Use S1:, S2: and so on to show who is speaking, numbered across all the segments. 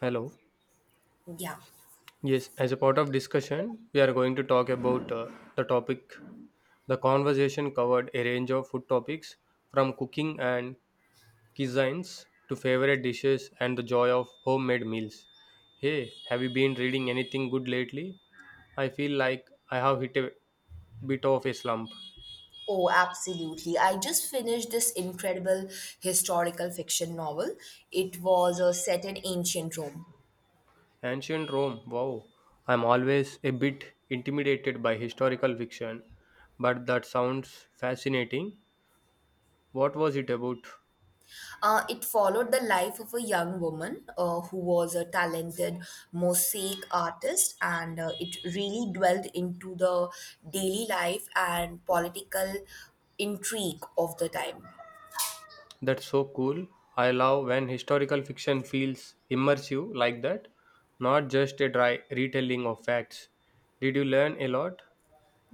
S1: Hello.
S2: Yeah.
S1: Yes, as a part of discussion, we are going to talk about the topic. The conversation covered a range of food topics from cooking and cuisines to favorite dishes and the joy of homemade meals. Hey, have you been reading anything good lately? I feel like I have hit a bit of a slump.
S2: Oh, absolutely. I just finished this incredible historical fiction novel. It was set in ancient Rome.
S1: Ancient Rome, wow. I'm always a bit intimidated by historical fiction, but that sounds fascinating. What was it about?
S2: It followed the life of a young woman who was a talented mosaic artist, and it really dwelled into the daily life and political intrigue of the time.
S1: That's so cool. I love when historical fiction feels immersive like that, not just a dry retelling of facts. Did you learn a lot?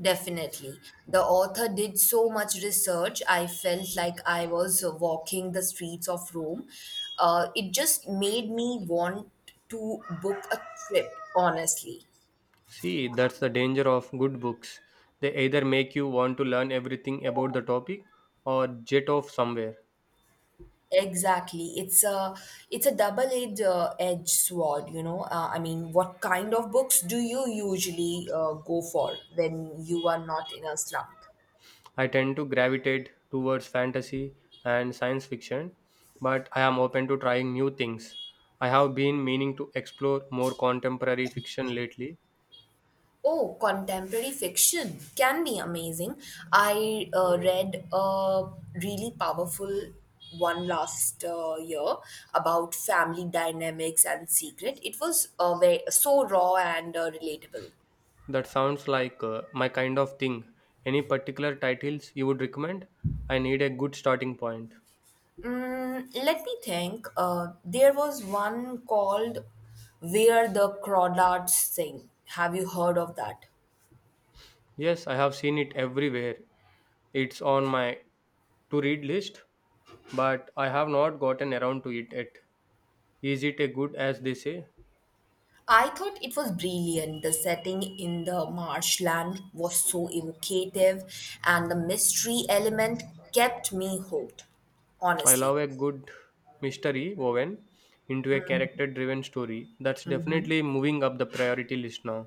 S2: Definitely. The author did so much research, I felt like I was walking the streets of Rome. It just made me want to book a trip, honestly.
S1: See, that's the danger of good books. They either make you want to learn everything about the topic or jet off somewhere.
S2: Exactly. It's a double-edged edge sword, you know. I mean, what kind of books do you usually go for when you are not in a slump?
S1: I tend to gravitate towards fantasy and science fiction, but I am open to trying new things. I have been meaning to explore more contemporary fiction lately.
S2: Oh, contemporary fiction can be amazing. I read a really powerful one last year about family dynamics and secret. It was so raw and relatable.
S1: That sounds like my kind of thing. Any particular titles you would recommend? I need a good starting point.
S2: Mm, let me think. There was one called Where the Crawdads Sing. Have you heard of that?
S1: Yes, I have seen it everywhere. It's on my to read list, but I have not gotten around to it yet. Is it a good as they say?
S2: I thought it was brilliant. The setting in the marshland was so evocative, and the mystery element kept me hooked.
S1: I
S2: Honestly,
S1: love a good mystery woven into a character driven story. That's definitely moving up the priority list now.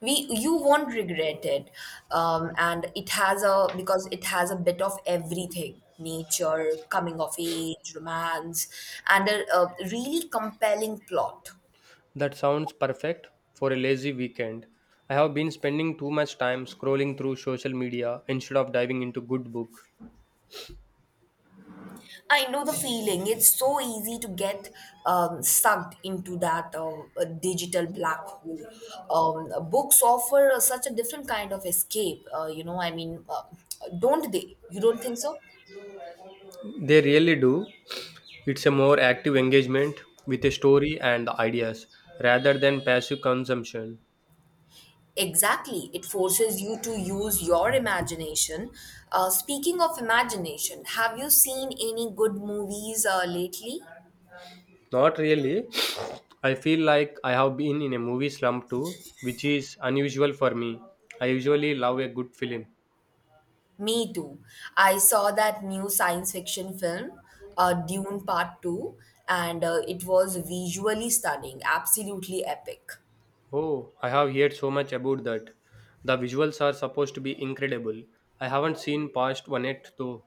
S2: we you won't regret it, and it has a because it has a bit of everything: nature, coming of age, romance, and a really compelling plot.
S1: That sounds perfect for a lazy weekend. I have been spending too much time scrolling through social media instead of diving into good book.
S2: I know the feeling. It's so easy to get sucked into that digital black hole. Books offer such a different kind of escape. You know, don't they? You don't think so?
S1: They really do. It's a more active engagement with a story and the ideas rather than passive consumption.
S2: Exactly. It forces you to use your imagination. Speaking of imagination, have you seen any good movies lately?
S1: Not really. I feel like I have been in a movie slump too, which is unusual for me. I usually love a good film.
S2: Me too. I saw that new science fiction film, Dune Part 2, and it was visually stunning, absolutely epic.
S1: Oh, I have heard so much about that. The visuals are supposed to be incredible. I haven't seen past one yet though.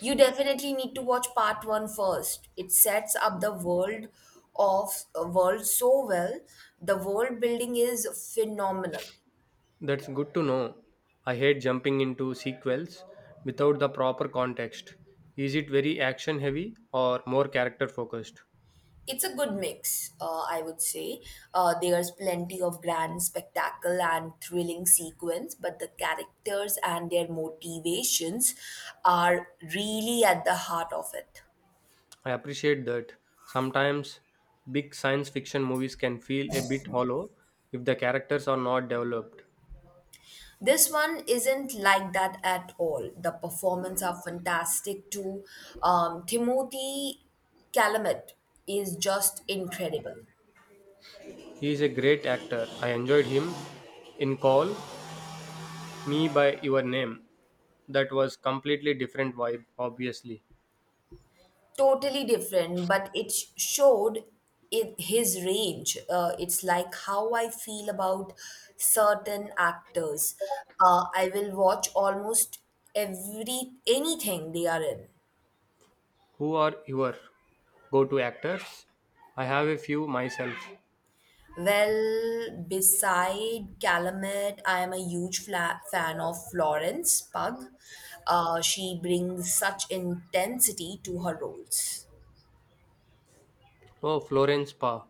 S2: You definitely need to watch Part One first. It sets up the world so well. The world building is phenomenal.
S1: That's good to know. I hate jumping into sequels without the proper context. Is it very action heavy or more character focused?
S2: It's a good mix, I would say. There's plenty of grand spectacle and thrilling sequence, but the characters and their motivations are really at the heart of it.
S1: I appreciate that. Sometimes big science fiction movies can feel a bit hollow if the characters are not developed.
S2: This one isn't like that at all. The performance are fantastic too. Timothy Calumet is just incredible.
S1: He is a great actor. I enjoyed him in Call Me by Your Name. That was completely different vibe, obviously.
S2: Totally different, but showed it, his range. It's like how I feel about certain actors. I will watch almost every anything they are in.
S1: Who are your go-to actors? I have a few myself.
S2: Well, beside calumet, I am a huge fan of Florence Pugh. She brings such intensity to her roles.
S1: Oh, Florence Pugh.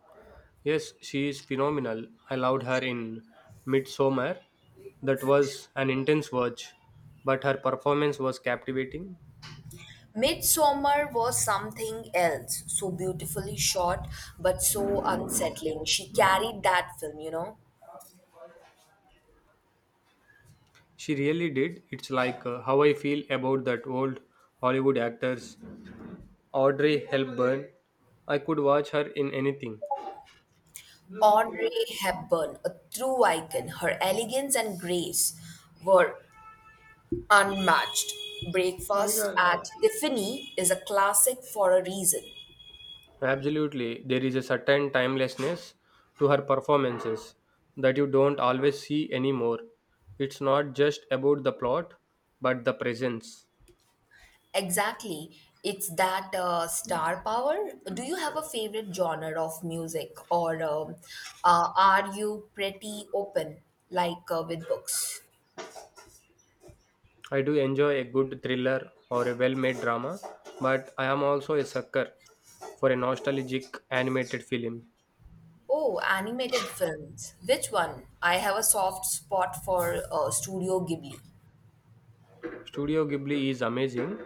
S1: Yes, she is phenomenal. I loved her in Midsommar. That was an intense watch, but her performance was captivating.
S2: Midsummer was something else, so beautifully shot, but so unsettling. She carried that film,
S1: She really did. It's like how I feel about that old Hollywood actors, Audrey Hepburn. I could watch her in anything.
S2: Audrey Hepburn, a true icon, her elegance and grace were unmatched. Breakfast at Tiffany is a classic for a reason.
S1: Absolutely, there is a certain timelessness to her performances that you don't always see anymore. It's not just about the plot, but the presence.
S2: Exactly. It's that star power. Do you have a favorite genre of music, or are you pretty open, like with books?
S1: I do enjoy a good thriller or a well made drama, but I am also a sucker for a nostalgic animated film.
S2: Oh, animated films. Which one? I have a soft spot for Studio Ghibli.
S1: Studio Ghibli is amazing.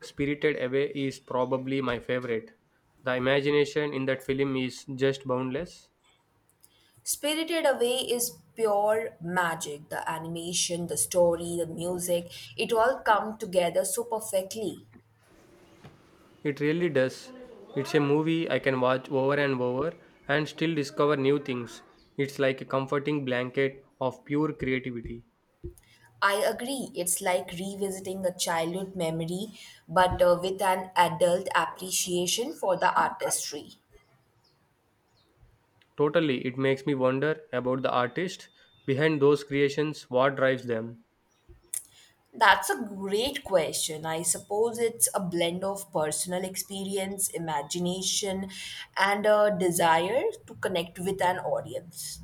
S1: Spirited Away is probably my favorite. The imagination in that film is just boundless.
S2: Spirited Away is pure magic. The animation, the story, the music, it all come together so perfectly.
S1: It really does. It's a movie I can watch over and over and still discover new things. It's like a comforting blanket of pure creativity.
S2: I agree. It's like revisiting a childhood memory, but with an adult appreciation for the artistry.
S1: Totally, it makes me wonder about the artist behind those creations, what drives them,
S2: That's a great question. I suppose it's a blend of personal experience, imagination, and a desire to connect with an audience.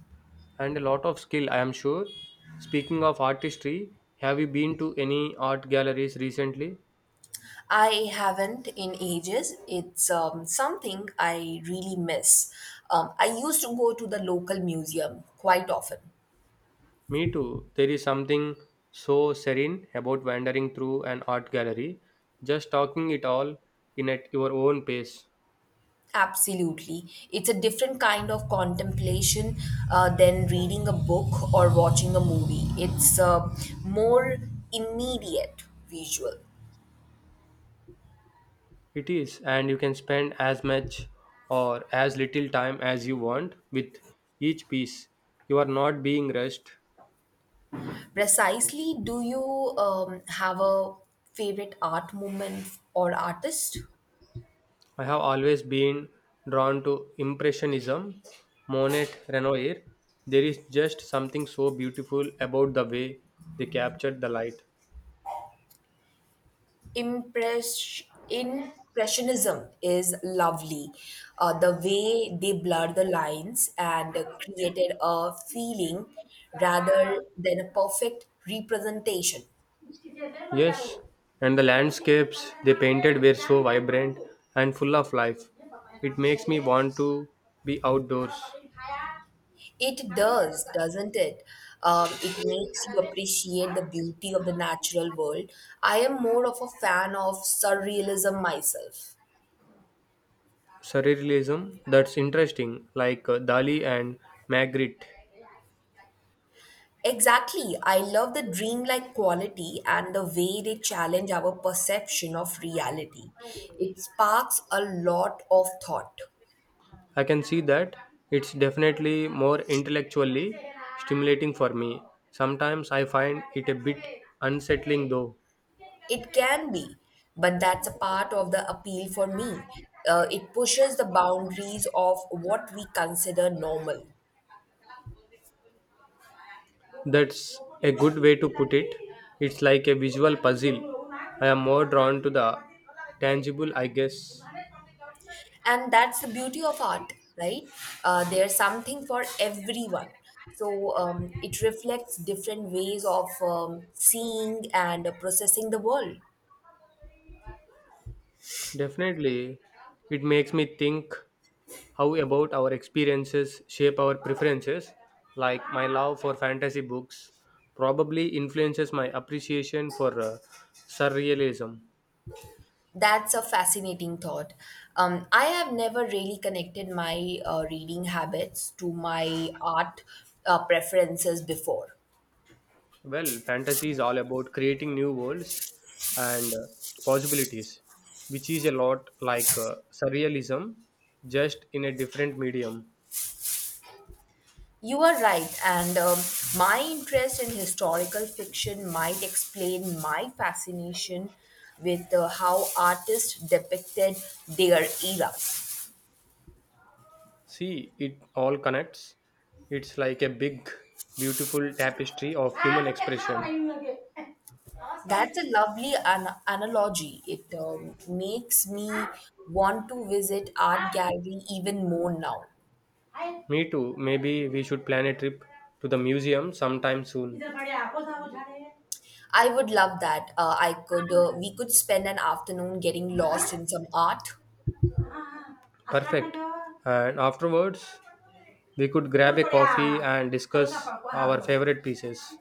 S1: and a lot of skill, I am sure. Speaking of artistry, have you been to any art galleries recently?
S2: I haven't in ages. It's something I really miss. I used to go to the local museum quite often.
S1: Me too. There is something so serene about wandering through an art gallery, just talking it all in at your own pace.
S2: Absolutely. It's a different kind of contemplation than reading a book or watching a movie. It's more immediate visual.
S1: It is, and you can spend as much or as little time as you want with each piece. You are not being rushed.
S2: Precisely, do you have a favorite art movement or artist?
S1: I have always been drawn to Impressionism, Monet, Renoir. There is just something so beautiful about the way they captured the light.
S2: Impress- Impressionism is lovely. The way they blur the lines and created a feeling rather than a perfect representation.
S1: Yes, and the landscapes they painted were so vibrant and full of life. It makes me want to be outdoors.
S2: It does, doesn't it? It makes you appreciate the beauty of the natural world. I am more of a fan of surrealism myself.
S1: Surrealism, that's interesting, like Dali and Magritte.
S2: Exactly. I love the dreamlike quality and the way they challenge our perception of reality. It sparks a lot of thought.
S1: I can see that. It's definitely more intellectually stimulating for me. Sometimes I find it a bit unsettling though.
S2: It can be, but that's a part of the appeal for me. It pushes the boundaries of what we consider normal.
S1: That's a good way to put it. It's like a visual puzzle. I am more drawn to the tangible, I guess.
S2: And that's the beauty of art, right? There's something for everyone. So it reflects different ways of seeing and processing the world.
S1: Definitely, it makes me think how about our experiences shape our preferences, like my love for fantasy books probably influences my appreciation for surrealism.
S2: That's a fascinating thought. I have never really connected my reading habits to my art preferences before.
S1: Well, fantasy is all about creating new worlds and possibilities, which is a lot like surrealism, just in a different medium.
S2: You are right, and my interest in historical fiction might explain my fascination with how artists depicted their era.
S1: See, it all connects. It's like a big beautiful tapestry of human expression.
S2: That's a lovely analogy. It makes me want to visit art gallery even more now.
S1: Me too. Maybe we should plan a trip to the museum sometime soon.
S2: I would love that. I could We could spend an afternoon getting lost in some art.
S1: Perfect. And afterwards, we could grab a coffee and discuss our favorite pieces.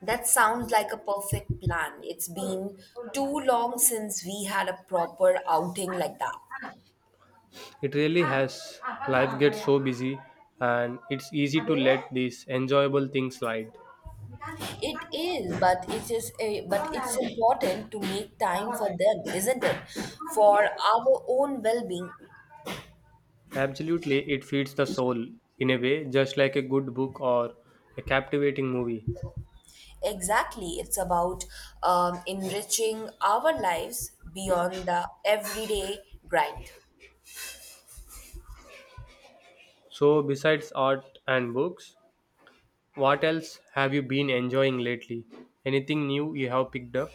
S2: That sounds like a perfect plan. It's been too long since we had a proper outing like that.
S1: It really has. Life gets so busy, and it's easy to let these enjoyable things slide.
S2: It is, but it's important to make time for them, isn't it? For our own well-being.
S1: Absolutely, it feeds the soul in a way, just like a good book or a captivating movie.
S2: Exactly. It's about enriching our lives beyond the everyday grind.
S1: So, besides art and books, what else have you been enjoying lately? Anything new you have picked up?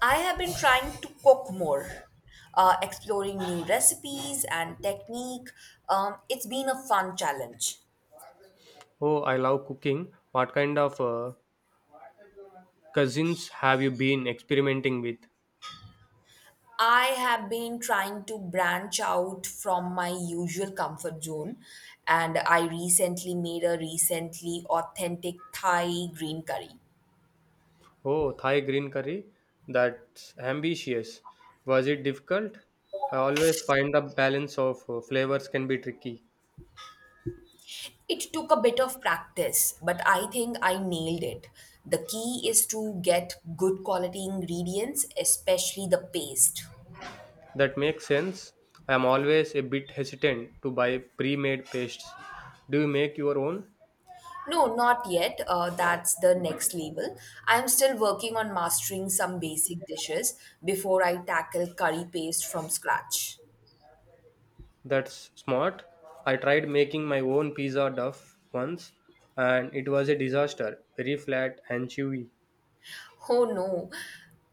S2: I have been trying to cook more, exploring new recipes and technique. It's been a fun challenge.
S1: Oh, I love cooking. What kind of cuisines have you been experimenting with?
S2: I have been trying to branch out from my usual comfort zone, and I recently made a recently authentic Thai green curry.
S1: Oh, Thai green curry? That's ambitious. Was it difficult? I always find the balance of flavors can be tricky.
S2: It took a bit of practice, but I think I nailed it. The key is to get good quality ingredients, especially the paste.
S1: That makes sense. I am always a bit hesitant to buy pre made pastes. Do you make your own?
S2: No, not yet. That's the next level. I'm still working on mastering some basic dishes before I tackle curry paste from scratch.
S1: That's smart. I tried making my own pizza duff once and it was a disaster, very flat and chewy.
S2: Oh no,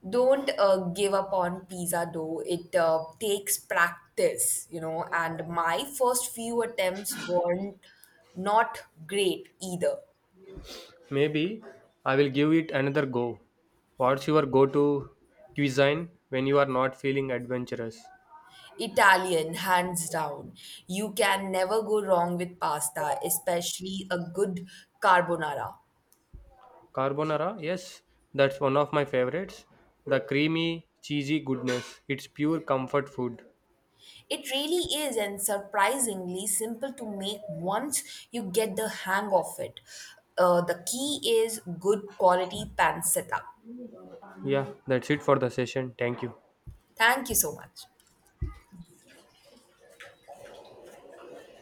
S2: don't give up on pizza dough. It takes practice, you know, and my first few attempts weren't not great either.
S1: Maybe I will give it another go. What's your go to cuisine when you are not feeling adventurous?
S2: Italian, hands down. You can never go wrong with pasta, especially a good carbonara.
S1: Carbonara, yes, that's one of my favorites. The creamy, cheesy goodness. It's pure comfort food.
S2: It really is, and surprisingly simple to make once you get the hang of it. The key is good quality pan setup.
S1: Yeah, that's it for the session. Thank you.
S2: Thank you so much.